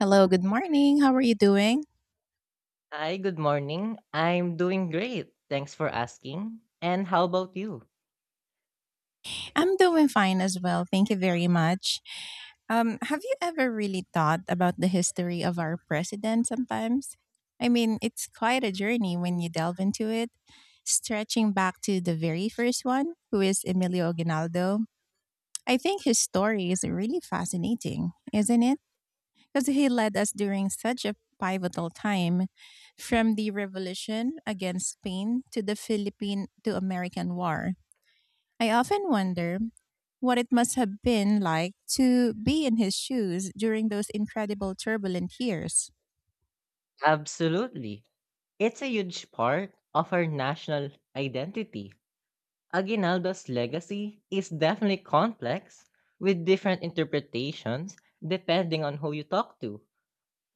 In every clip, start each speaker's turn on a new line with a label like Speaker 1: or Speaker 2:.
Speaker 1: Hello, good morning. How are you doing?
Speaker 2: Hi, good morning. I'm doing great. Thanks for asking. And how about you?
Speaker 1: I'm doing fine as well. Thank you very much. Have you ever really thought about the history of our president sometimes? I mean, it's quite a journey when you delve into it. Stretching back to the very first one, who is Emilio Aguinaldo, I think his story is really fascinating, isn't it? Because he led us during such a pivotal time, from the revolution against Spain to the Philippine to American War. I often wonder what it must have been like to be in his shoes during those incredible turbulent years.
Speaker 2: Absolutely. It's a huge part of our national identity. Aguinaldo's legacy is definitely complex, with different interpretations depending on who you talk to.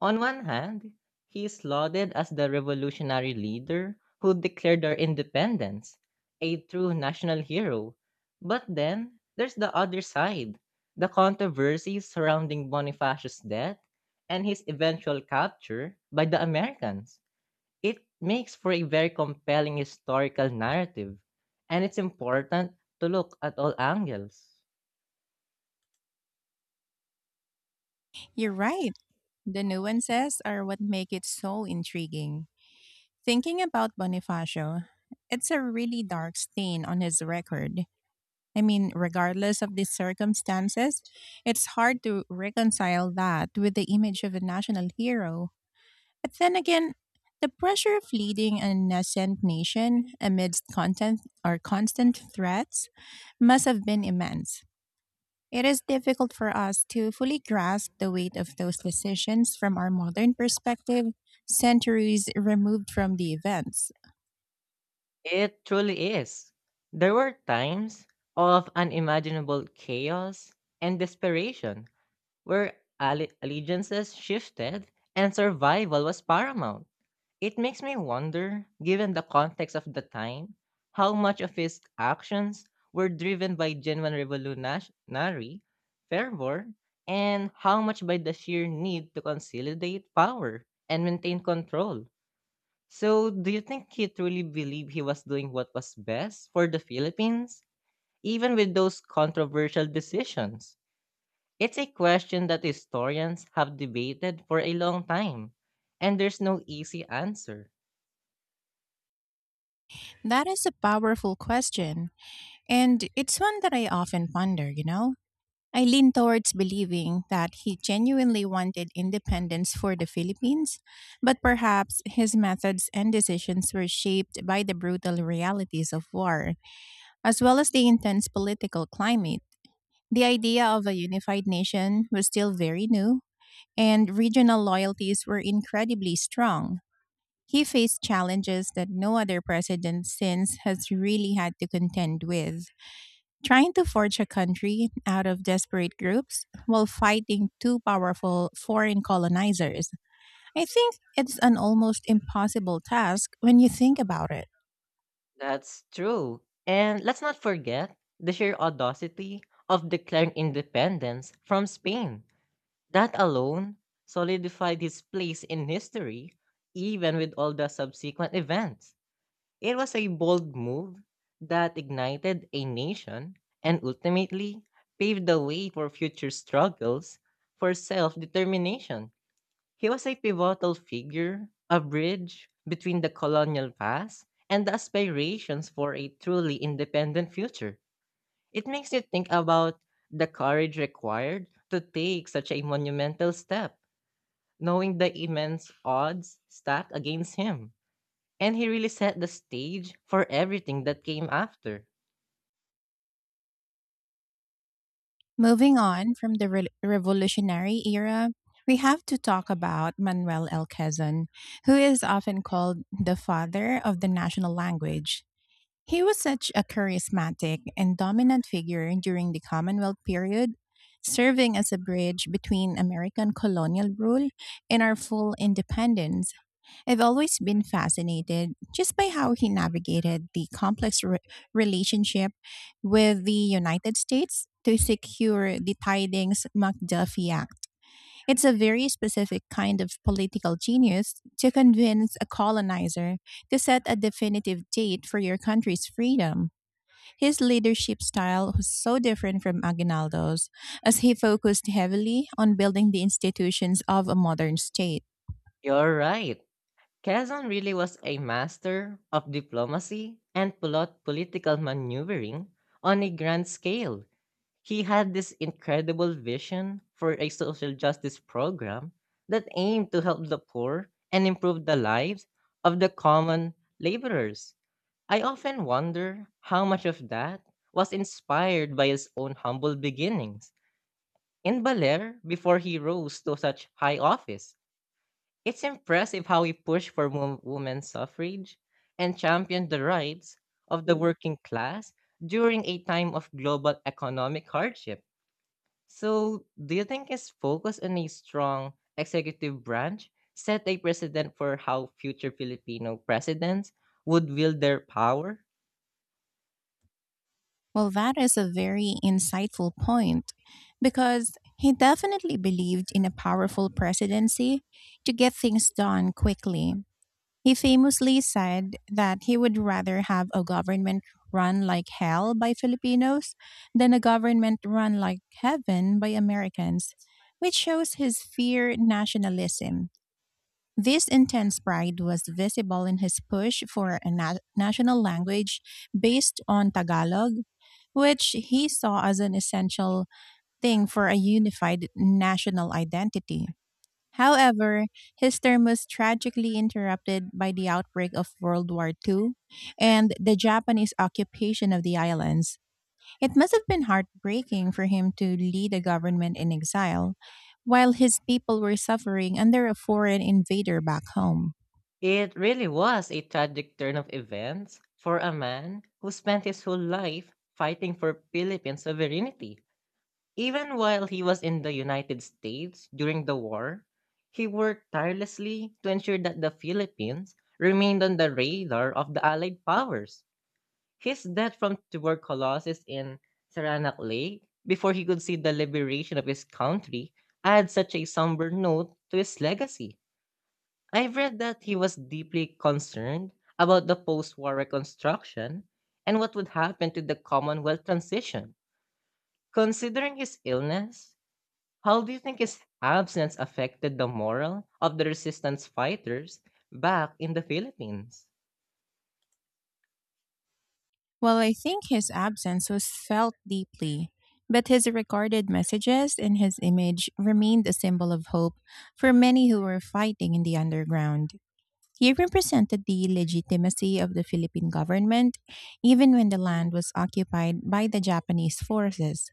Speaker 2: On one hand, he is lauded as the revolutionary leader who declared our independence, a true national hero. But then, there's the other side, the controversies surrounding Bonifacio's death and his eventual capture by the Americans. It makes for a very compelling historical narrative, and it's important to look at all angles.
Speaker 1: You're right. The nuances are what make it so intriguing. Thinking about Bonifacio, it's a really dark stain on his record. I mean, regardless of the circumstances, it's hard to reconcile that with the image of a national hero. But then again, the pressure of leading a nascent nation amidst content or constant threats must have been immense. It is difficult for us to fully grasp the weight of those decisions from our modern perspective, centuries removed from the events.
Speaker 2: It truly is. There were times of unimaginable chaos and desperation where allegiances shifted and survival was paramount. It makes me wonder, given the context of the time, how much of his actions were driven by genuine revolutionary fervor, and how much by the sheer need to consolidate power and maintain control. So, do you think he truly believed he was doing what was best for the Philippines, even with those controversial decisions? It's a question that historians have debated for a long time, and there's no easy answer.
Speaker 1: That is a powerful question, and it's one that I often ponder, you know? I lean towards believing that he genuinely wanted independence for the Philippines, but perhaps his methods and decisions were shaped by the brutal realities of war, as well as the intense political climate. The idea of a unified nation was still very new, and regional loyalties were incredibly strong. He faced challenges that no other president since has really had to contend with. Trying to forge a country out of desperate groups while fighting two powerful foreign colonizers. I think it's an almost impossible task when you think about it.
Speaker 2: That's true. And let's not forget the sheer audacity of declaring independence from Spain. That alone solidified his place in history, even with all the subsequent events. It was a bold move that ignited a nation and ultimately paved the way for future struggles for self determination. He was a pivotal figure, a bridge between the colonial past and the aspirations for a truly independent future. It makes you think about the courage required to take such a monumental step, knowing the immense odds stacked against him. And he really set the stage for everything that came after.
Speaker 1: Moving on from the revolutionary era, we have to talk about Manuel L. Quezon, who is often called the father of the national language. He was such a charismatic and dominant figure during the Commonwealth period, serving as a bridge between American colonial rule and our full independence. I've always been fascinated just by how he navigated the complex relationship with the United States to secure the Tidings McDuffie Act. It's a very specific kind of political genius to convince a colonizer to set a definitive date for your country's freedom. His leadership style was so different from Aguinaldo's, as he focused heavily on building the institutions of a modern state.
Speaker 2: You're right. Quezon really was a master of diplomacy and political maneuvering on a grand scale. He had this incredible vision for a social justice program that aimed to help the poor and improve the lives of the common laborers. I often wonder how much of that was inspired by his own humble beginnings in Baler, before he rose to such high office. It's impressive how he pushed for women's suffrage and championed the rights of the working class during a time of global economic hardship. So, do you think his focus on a strong executive branch set a precedent for how future Filipino presidents would wield their power?
Speaker 1: Well, that is a very insightful point, because he definitely believed in a powerful presidency to get things done quickly. He famously said that he would rather have a government run like hell by Filipinos than a government run like heaven by Americans, which shows his fear nationalism. This intense pride was visible in his push for a national language based on Tagalog, which he saw as an essential thing for a unified national identity. However, his term was tragically interrupted by the outbreak of World War II and the Japanese occupation of the islands. It must have been heartbreaking for him to lead a government in exile while his people were suffering under a foreign invader back home.
Speaker 2: It really was a tragic turn of events for a man who spent his whole life fighting for Philippine sovereignty. Even while he was in the United States during the war, he worked tirelessly to ensure that the Philippines remained on the radar of the Allied powers. His death from tuberculosis in Saranac Lake, before he could see the liberation of his country, adds such a somber note to his legacy. I've read that he was deeply concerned about the post war reconstruction and what would happen to the Commonwealth transition. Considering his illness, how do you think his absence affected the morale of the resistance fighters back in the Philippines?
Speaker 1: While I think his absence was felt deeply, but his recorded messages and his image remained a symbol of hope for many who were fighting in the underground. He represented the legitimacy of the Philippine government, even when the land was occupied by the Japanese forces.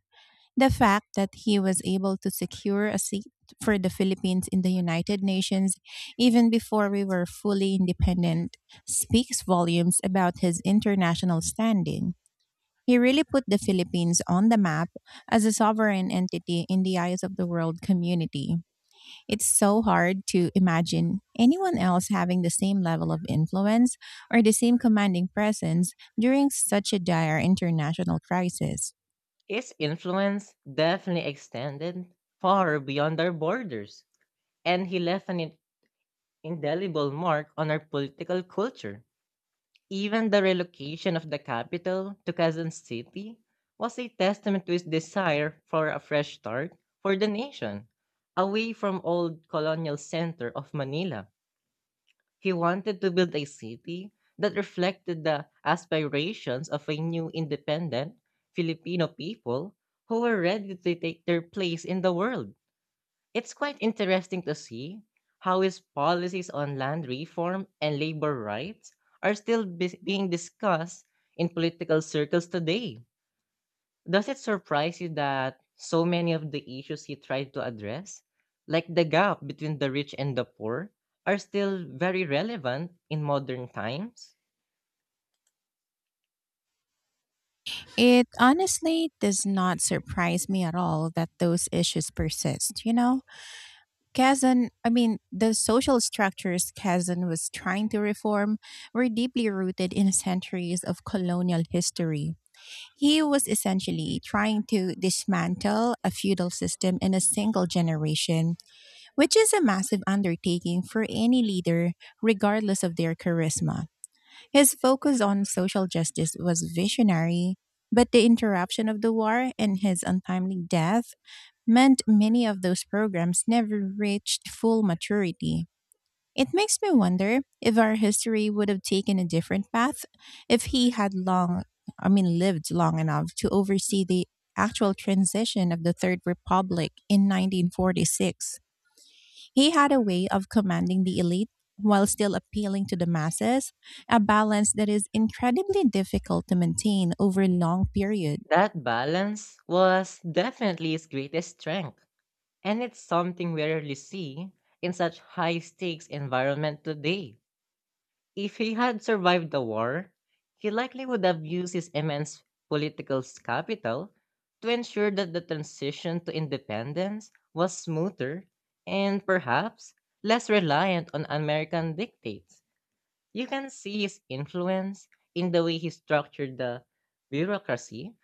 Speaker 1: The fact that he was able to secure a seat for the Philippines in the United Nations, even before we were fully independent, speaks volumes about his international standing. He really put the Philippines on the map as a sovereign entity in the eyes of the world community. It's so hard to imagine anyone else having the same level of influence, or the same commanding presence, during such a dire international crisis.
Speaker 2: His influence definitely extended far beyond our borders, and he left an indelible mark on our political culture. Even the relocation of the capital to Quezon City was a testament to his desire for a fresh start for the nation, away from old colonial center of Manila. He wanted to build a city that reflected the aspirations of a new independent Filipino people who were ready to take their place in the world. It's quite interesting to see how his policies on land reform and labor rights are still being discussed in political circles today. Does it surprise you that so many of the issues he tried to address, like the gap between the rich and the poor, are still very relevant in modern times?
Speaker 1: It honestly does not surprise me at all that those issues persist, you know? I mean, the social structures Kazan was trying to reform were deeply rooted in centuries of colonial history. He was essentially trying to dismantle a feudal system in a single generation, which is a massive undertaking for any leader, regardless of their charisma. His focus on social justice was visionary, but the interruption of the war and his untimely death meant many of those programs never reached full maturity. It makes me wonder if our history would have taken a different path if he had, I mean, lived long enough to oversee the actual transition of the Third Republic in 1946. He had a way of commanding the elite while still appealing to the masses, a balance that is incredibly difficult to maintain over a long period.
Speaker 2: That balance was definitely his greatest strength, and it's something we rarely see in such high stakes environment today. If he had survived the war, he likely would have used his immense political capital to ensure that the transition to independence was smoother, and perhaps less reliant on American dictates. You can see his influence in the way he structured the bureaucracy,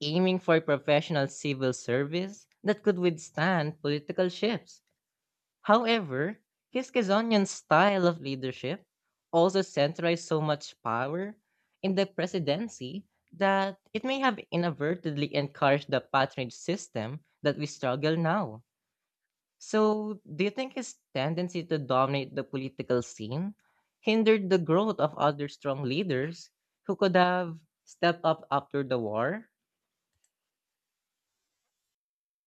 Speaker 2: aiming for professional civil service that could withstand political shifts. However, Kiskisonian's style of leadership also centralized so much power in the presidency that it may have inadvertently encouraged the patronage system that we struggle now. So, do you think his tendency to dominate the political scene hindered the growth of other strong leaders who could have stepped up after the war?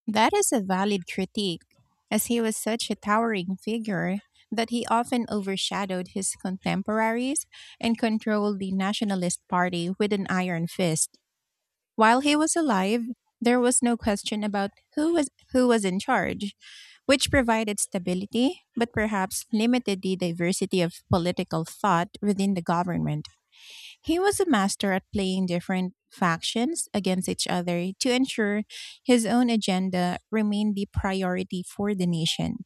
Speaker 1: That is a valid critique, as he was such a towering figure that he often overshadowed his contemporaries and controlled the nationalist party with an iron fist. While he was alive, there was no question about who was in charge, which provided stability but perhaps limited the diversity of political thought within the government. He was a master at playing different factions against each other to ensure his own agenda remained the priority for the nation.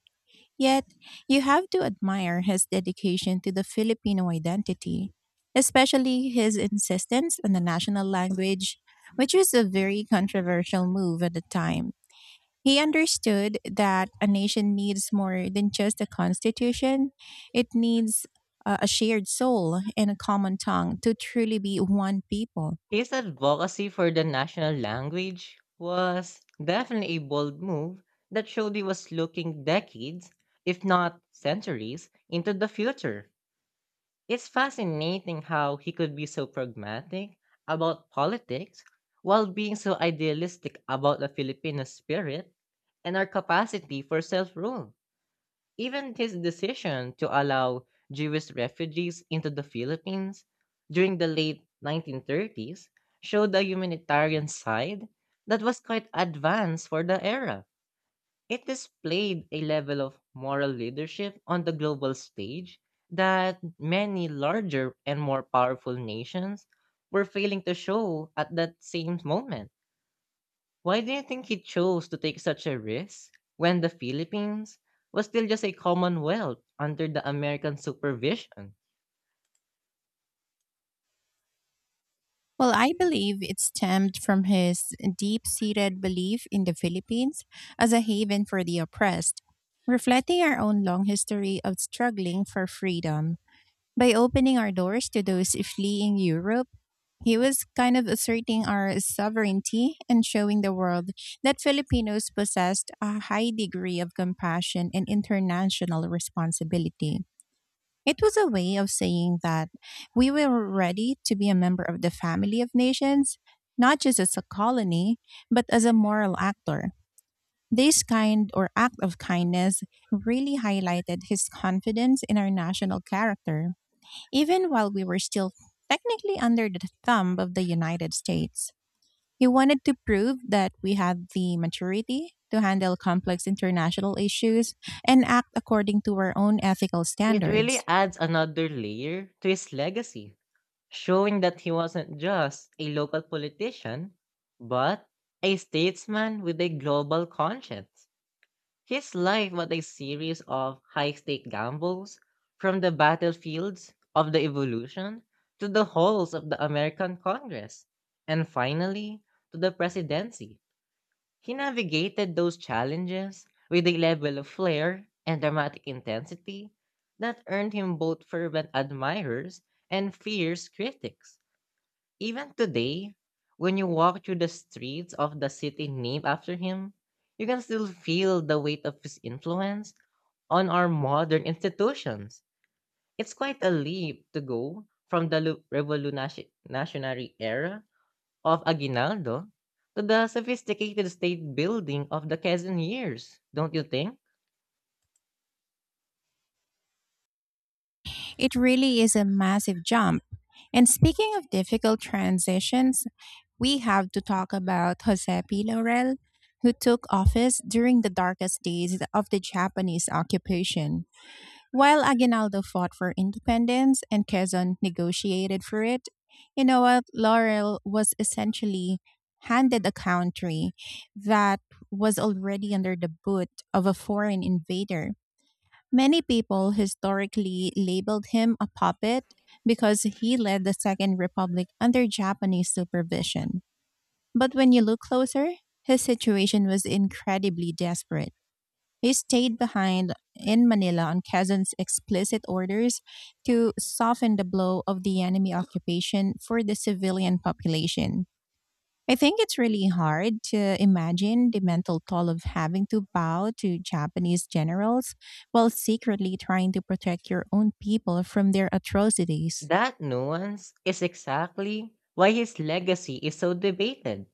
Speaker 1: Yet, you have to admire his dedication to the Filipino identity, especially his insistence on the national language, which was a very controversial move at the time. He understood that a nation needs more than just a constitution, it needs a shared soul and a common tongue to truly be one people.
Speaker 2: His advocacy for the national language was definitely a bold move that showed he was looking decades, if not centuries, into the future. It's fascinating how he could be so pragmatic about politics while being so idealistic about the Filipino spirit and our capacity for self rule. Even his decision to allow Jewish refugees into the Philippines during the late 1930s showed a humanitarian side that was quite advanced for the era. It displayed a level of moral leadership on the global stage that many larger and more powerful nations were failing to show at that same moment. Why do you think he chose to take such a risk when the Philippines was still just a commonwealth under the American supervision?
Speaker 1: Well, I believe it stemmed from his deep seated belief in the Philippines as a haven for the oppressed, reflecting our own long history of struggling for freedom. By opening our doors to those fleeing Europe, he was kind of asserting our sovereignty and showing the world that Filipinos possessed a high degree of compassion and international responsibility. It was a way of saying that we were ready to be a member of the family of nations, not just as a colony, but as a moral actor. This kind or act of kindness really highlighted his confidence in our national character, even while we were still technically under the thumb of the United States. He wanted to prove that we had the maturity to handle complex international issues and act according to our own ethical
Speaker 2: It really
Speaker 1: standards.
Speaker 2: adds another layer to his legacy, showing that he wasn't just a local politician, but a statesman with a global conscience. His life was a series of high-stake gambles, from the battlefields of the Evolution to the halls of the American Congress, and finally to the presidency. He navigated those challenges with a level of flair and dramatic intensity that earned him both fervent admirers and fierce critics. Even today, when you walk through the streets of the city named after him, you can still feel the weight of his influence on our modern institutions. It's quite a leap to go from the revolutionary era of Aguinaldo to the sophisticated state building of the Quezon years, don't you think?
Speaker 1: It really is a massive jump. And speaking of difficult transitions, we have to talk about Jose P. Laurel, who took office during the darkest days of the Japanese occupation. While Aguinaldo fought for independence and Quezon negotiated for it, you know what? Laurel was essentially handed a country that was already under the boot of a foreign invader. Many people historically labeled him a puppet because he led the Second Republic under Japanese supervision. But when you look closer, his situation was incredibly desperate. He stayed behind in Manila on Quezon's explicit orders to soften the blow of the enemy occupation for the civilian population. I think it's really hard to imagine the mental toll of having to bow to Japanese generals while secretly trying to protect your own people from their atrocities.
Speaker 2: That nuance is exactly why his legacy is so debated.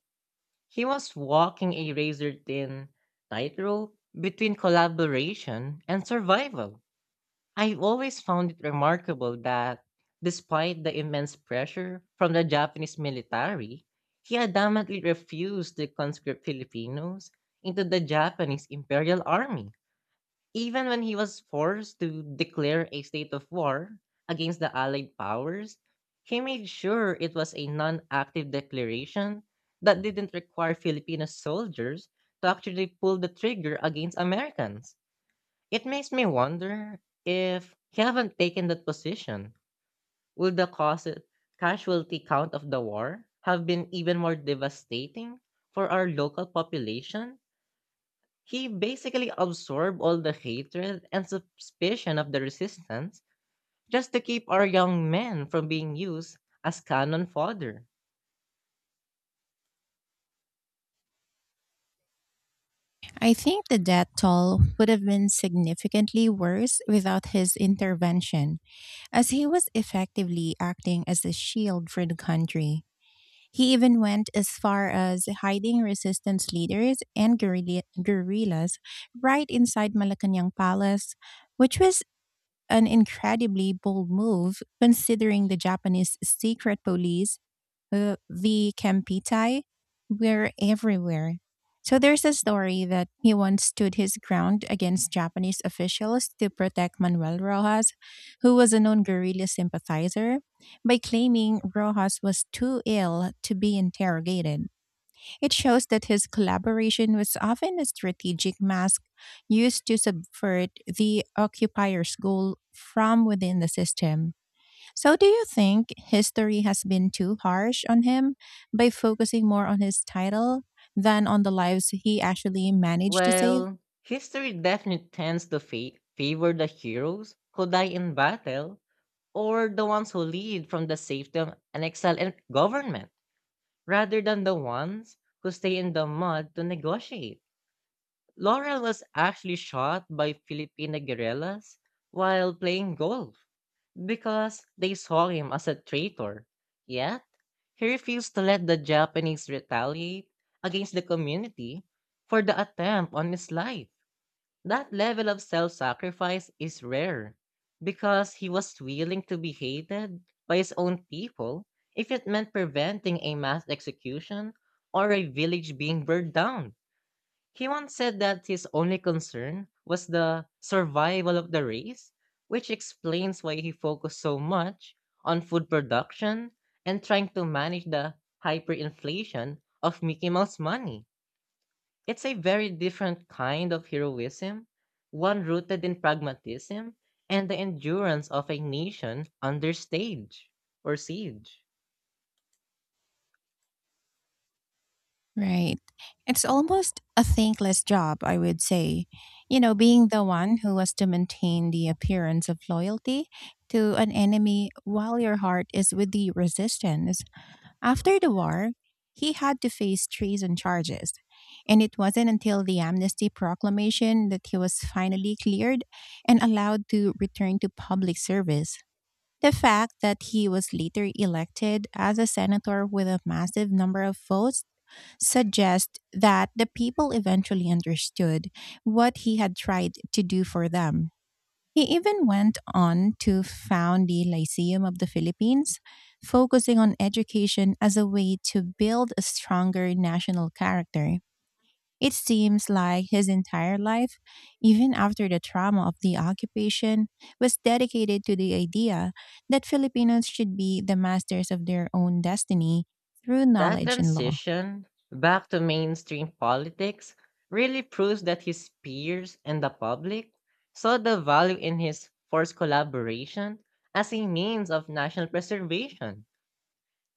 Speaker 2: He was walking a razor thin tightrope between collaboration and survival. I've always found it remarkable that, despite the immense pressure from the Japanese military, he adamantly refused to conscript Filipinos into the Japanese Imperial Army. Even when he was forced to declare a state of war against the Allied powers, he made sure it was a non active declaration that didn't require Filipino soldiers to actually pull the trigger against Americans. It makes me wonder, if he haven't taken that position, would the cause casualty count of the war have been even more devastating for our local population? He basically absorbed all the hatred and suspicion of the resistance just to keep our young men from being used as cannon fodder.
Speaker 1: I think the death toll would have been significantly worse without his intervention, as he was effectively acting as a shield for the country. He even went as far as hiding resistance leaders and guerrillas right inside Malacanang Palace, which was an incredibly bold move considering the Japanese secret police, the Kempitai, were everywhere. So there's a story that he once stood his ground against Japanese officials to protect Manuel Rojas, who was a known guerrilla sympathizer, by claiming Rojas was too ill to be interrogated. It shows that his collaboration was often a strategic mask used to subvert the occupier's goal from within the system. So, do you think history has been too harsh on him by focusing more on his title than on the lives he actually managed to save?
Speaker 2: Well, history definitely tends to favor the heroes who die in battle, or the ones who lead from the safety of an excellent government, rather than the ones who stay in the mud to negotiate. Laurel was actually shot by Filipino guerrillas while playing golf because they saw him as a traitor. Yet, he refused to let the Japanese retaliate against the community for the attempt on his life. That level of self sacrifice is rare, because he was willing to be hated by his own people if it meant preventing a mass execution or a village being burned down. He once said that his only concern was the survival of the race, which explains why he focused so much on food production and trying to manage the hyperinflation of Mickey Mouse money. It's a very different kind of heroism, one rooted in pragmatism and the endurance of a nation under stage or siege.
Speaker 1: Right. It's almost a thankless job, I would say. You know, being the one who has to maintain the appearance of loyalty to an enemy while your heart is with the resistance. After the war, he had to face treason charges. And it wasn't until the amnesty proclamation that he was finally cleared and allowed to return to public service. The fact that he was later elected as a senator with a massive number of votes suggest that the people eventually understood what he had tried to do for them. He even went on to found the Lyceum of the Philippines, focusing on education as a way to build a stronger national character. It seems like his entire life, even after the trauma of the occupation, was dedicated to the idea that Filipinos should be the masters of their own destiny through
Speaker 2: That
Speaker 1: knowledge and law.
Speaker 2: transition back to mainstream politics really proves that his peers and the public saw the value in his forced collaboration as a means of national preservation.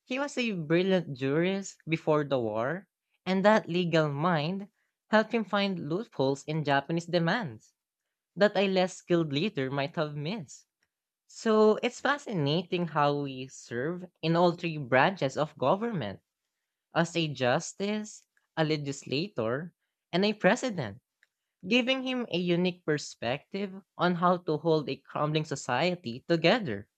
Speaker 2: He was a brilliant jurist before the war, and that legal mind helped him find loopholes in Japanese demands that a less skilled leader might have missed. So it's fascinating how we serve in all three branches of government, as a justice, a legislator, and a president, giving him a unique perspective on how to hold a crumbling society together.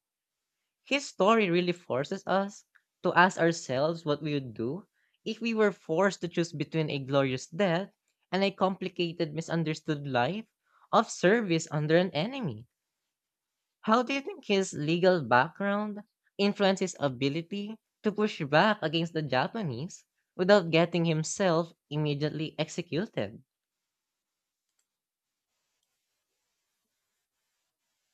Speaker 2: His story really forces us to ask ourselves what we would do if we were forced to choose between a glorious death and a complicated, misunderstood life of service under an enemy. How do you think his legal background influenced his ability to push back against the Japanese without getting himself immediately executed?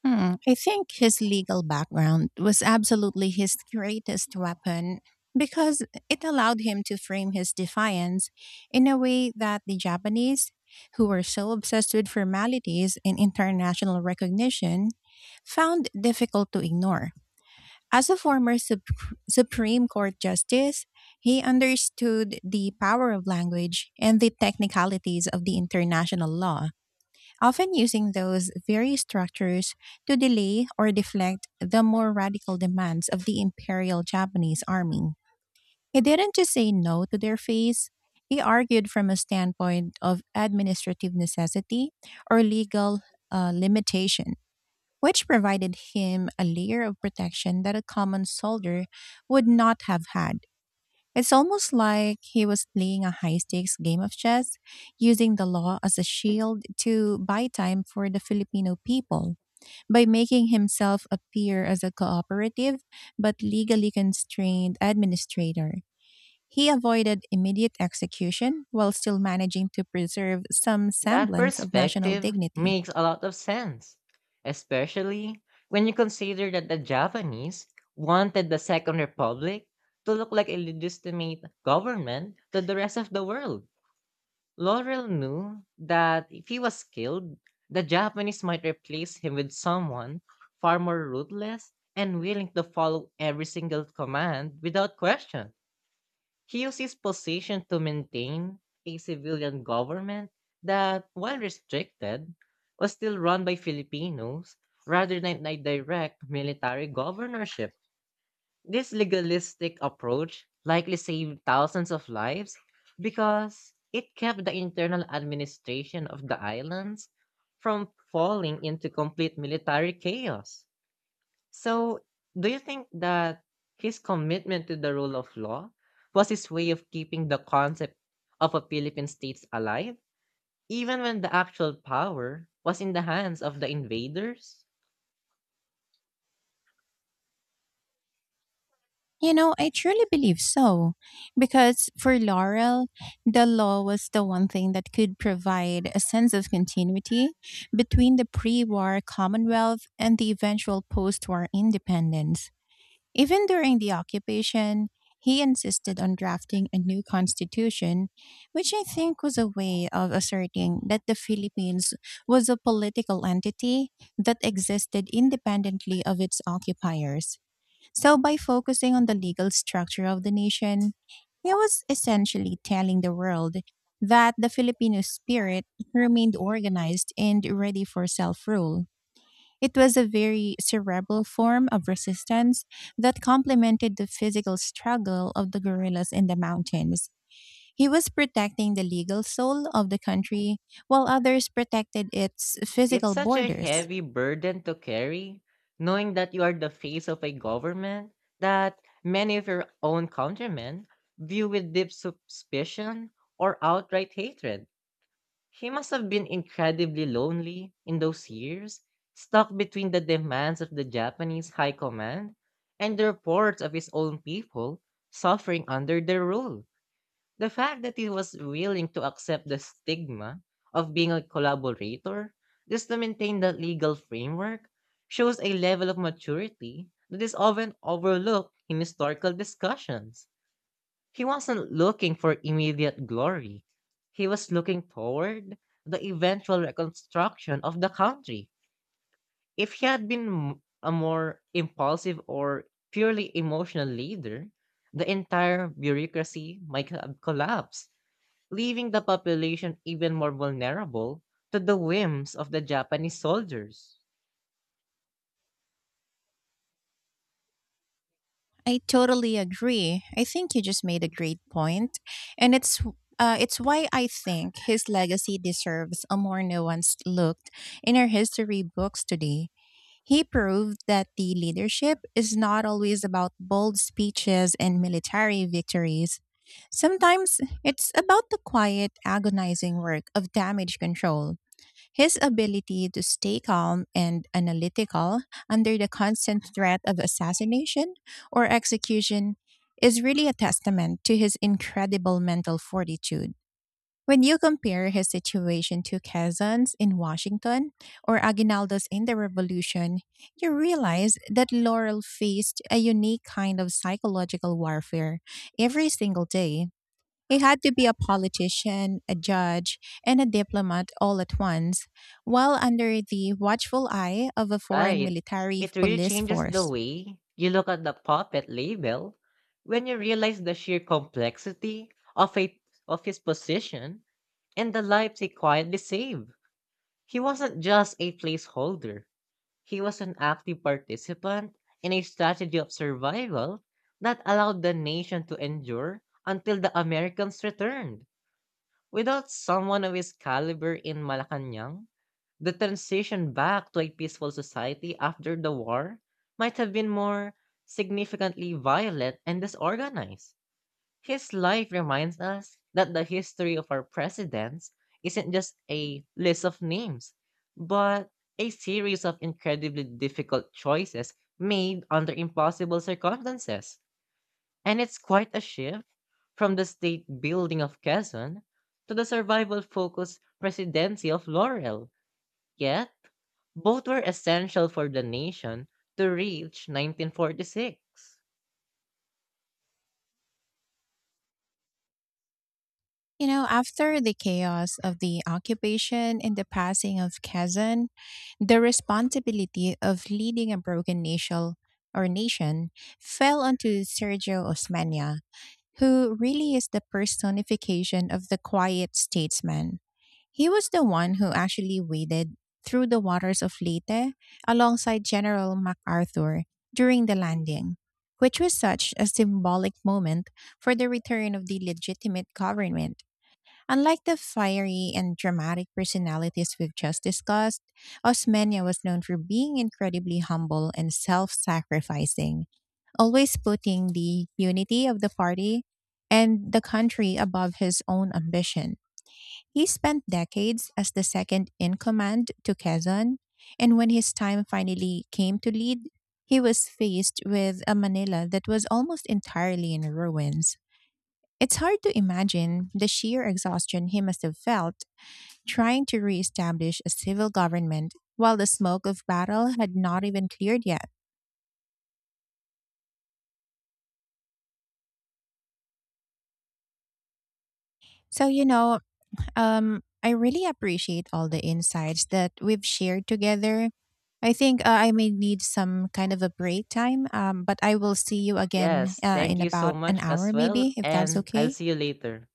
Speaker 1: I think his legal background was absolutely his greatest weapon, because it allowed him to frame his defiance in a way that the Japanese, who were so obsessed with formalities and international recognition, found difficult to ignore. As a Supreme Court justice, he understood the power of language and the technicalities of the international law, often using those very structures to delay or deflect the more radical demands of the Imperial Japanese Army. He didn't just say no to their face, he argued from a standpoint of administrative necessity or legal limitation, which provided him a layer of protection that a common soldier would not have had. It's almost like he was playing a high stakes game of chess, using the law as a shield to buy time for the Filipino people by making himself appear as a cooperative but legally constrained administrator. He avoided immediate execution while still managing to preserve some
Speaker 2: That
Speaker 1: semblance of national
Speaker 2: perspective
Speaker 1: dignity.
Speaker 2: makes a lot of sense, especially when you consider that the Japanese wanted the Second Republic to look like a legitimate government to the rest of the world. Laurel knew that if he was killed, the Japanese might replace him with someone far more ruthless and willing to follow every single command without question. He used his position to maintain a civilian government that, while restricted, was still run by Filipinos rather than a direct military governorship. This legalistic approach likely saved thousands of lives because it kept the internal administration of the islands from falling into complete military chaos. So, do you think that his commitment to the rule of law was his way of keeping the concept of a Philippine state alive, even when the actual power was in the hands of the invaders?
Speaker 1: You know, I truly believe so. Because for Laurel, the law was the one thing that could provide a sense of continuity between the pre war Commonwealth and the eventual post war independence. Even during the occupation, he insisted on drafting a new constitution, which I think was a way of asserting that the Philippines was a political entity that existed independently of its occupiers. So, by focusing on the legal structure of the nation, he was essentially telling the world that the Filipino spirit remained organized and ready for self rule. It was a very cerebral form of resistance that complemented the physical struggle of the guerrillas in the mountains. He was protecting the legal soul of the country, while others protected its
Speaker 2: It's
Speaker 1: physical
Speaker 2: such a
Speaker 1: borders.
Speaker 2: heavy burden to carry, knowing that you are the face of a government that many of your own countrymen view with deep suspicion or outright hatred. He must have been incredibly lonely in those years, stuck between the demands of the Japanese high command and the reports of his own people suffering under their rule. The fact that he was willing to accept the stigma of being a collaborator just to maintain that legal framework shows a level of maturity that is often overlooked in historical discussions. He wasn't looking for immediate glory. He was looking forward to the eventual reconstruction of the country. If he had been a more impulsive or purely emotional leader, the entire bureaucracy might have collapsed, leaving the population even more vulnerable to the whims of the Japanese soldiers.
Speaker 1: I totally agree. I think you just made a great point, and it's why I think his legacy deserves a more nuanced look in our history books today. He proved that the leadership is not always about bold speeches and military victories. Sometimes it's about the quiet, agonizing work of damage control. His ability to stay calm and analytical under the constant threat of assassination or execution is really a testament to his incredible mental fortitude. When you compare his situation to Quezon's in Washington or Aguinaldo's in the Revolution, you realize that Laurel faced a unique kind of psychological warfare every single day. He had to be a politician, a judge, and a diplomat all at once, while under the watchful eye of a foreign
Speaker 2: Right.
Speaker 1: military
Speaker 2: It really
Speaker 1: police
Speaker 2: changes the
Speaker 1: force.
Speaker 2: way you look at the puppet label when you realize the sheer complexity of a of his position and the lives he quietly saved. He wasn't just a placeholder. He was an active participant in a strategy of survival that allowed the nation to endure until the Americans returned. Without someone of his caliber in Malacanang, the transition back to a peaceful society after the war might have been more significantly violent and disorganized. His life reminds us that the history of our presidents isn't just a list of names, but a series of incredibly difficult choices made under impossible circumstances. And it's quite a shift from the state building of Quezon to the survival focused presidency of Laurel. Yet, both were essential for the nation to reach 1946.
Speaker 1: You know, after the chaos of the occupation and the passing of Kazan, the responsibility of leading a broken nation fell onto Sergio Osmania, who really is the personification of the quiet statesman. He was the one who actually waded through the waters of Leyte alongside General MacArthur during the landing, which was such a symbolic moment for the return of the legitimate government. Unlike the fiery and dramatic personalities we've just discussed, Osmeña was known for being incredibly humble and self sacrificing, always putting the unity of the party and the country above his own ambition. He spent decades as the second in command to Quezon, and when his time finally came to lead, he was faced with a Manila that was almost entirely in ruins. It's hard to imagine the sheer exhaustion he must have felt trying to reestablish a civil government while the smoke of battle had not even cleared yet. So, you know, I really appreciate all the insights that we've shared together. I think I may need some kind of a break time, but I will see you again
Speaker 2: Yes, thank
Speaker 1: in
Speaker 2: you so
Speaker 1: about an
Speaker 2: much
Speaker 1: hour,
Speaker 2: as well,
Speaker 1: maybe, if that's
Speaker 2: and I'll
Speaker 1: okay.
Speaker 2: see you later.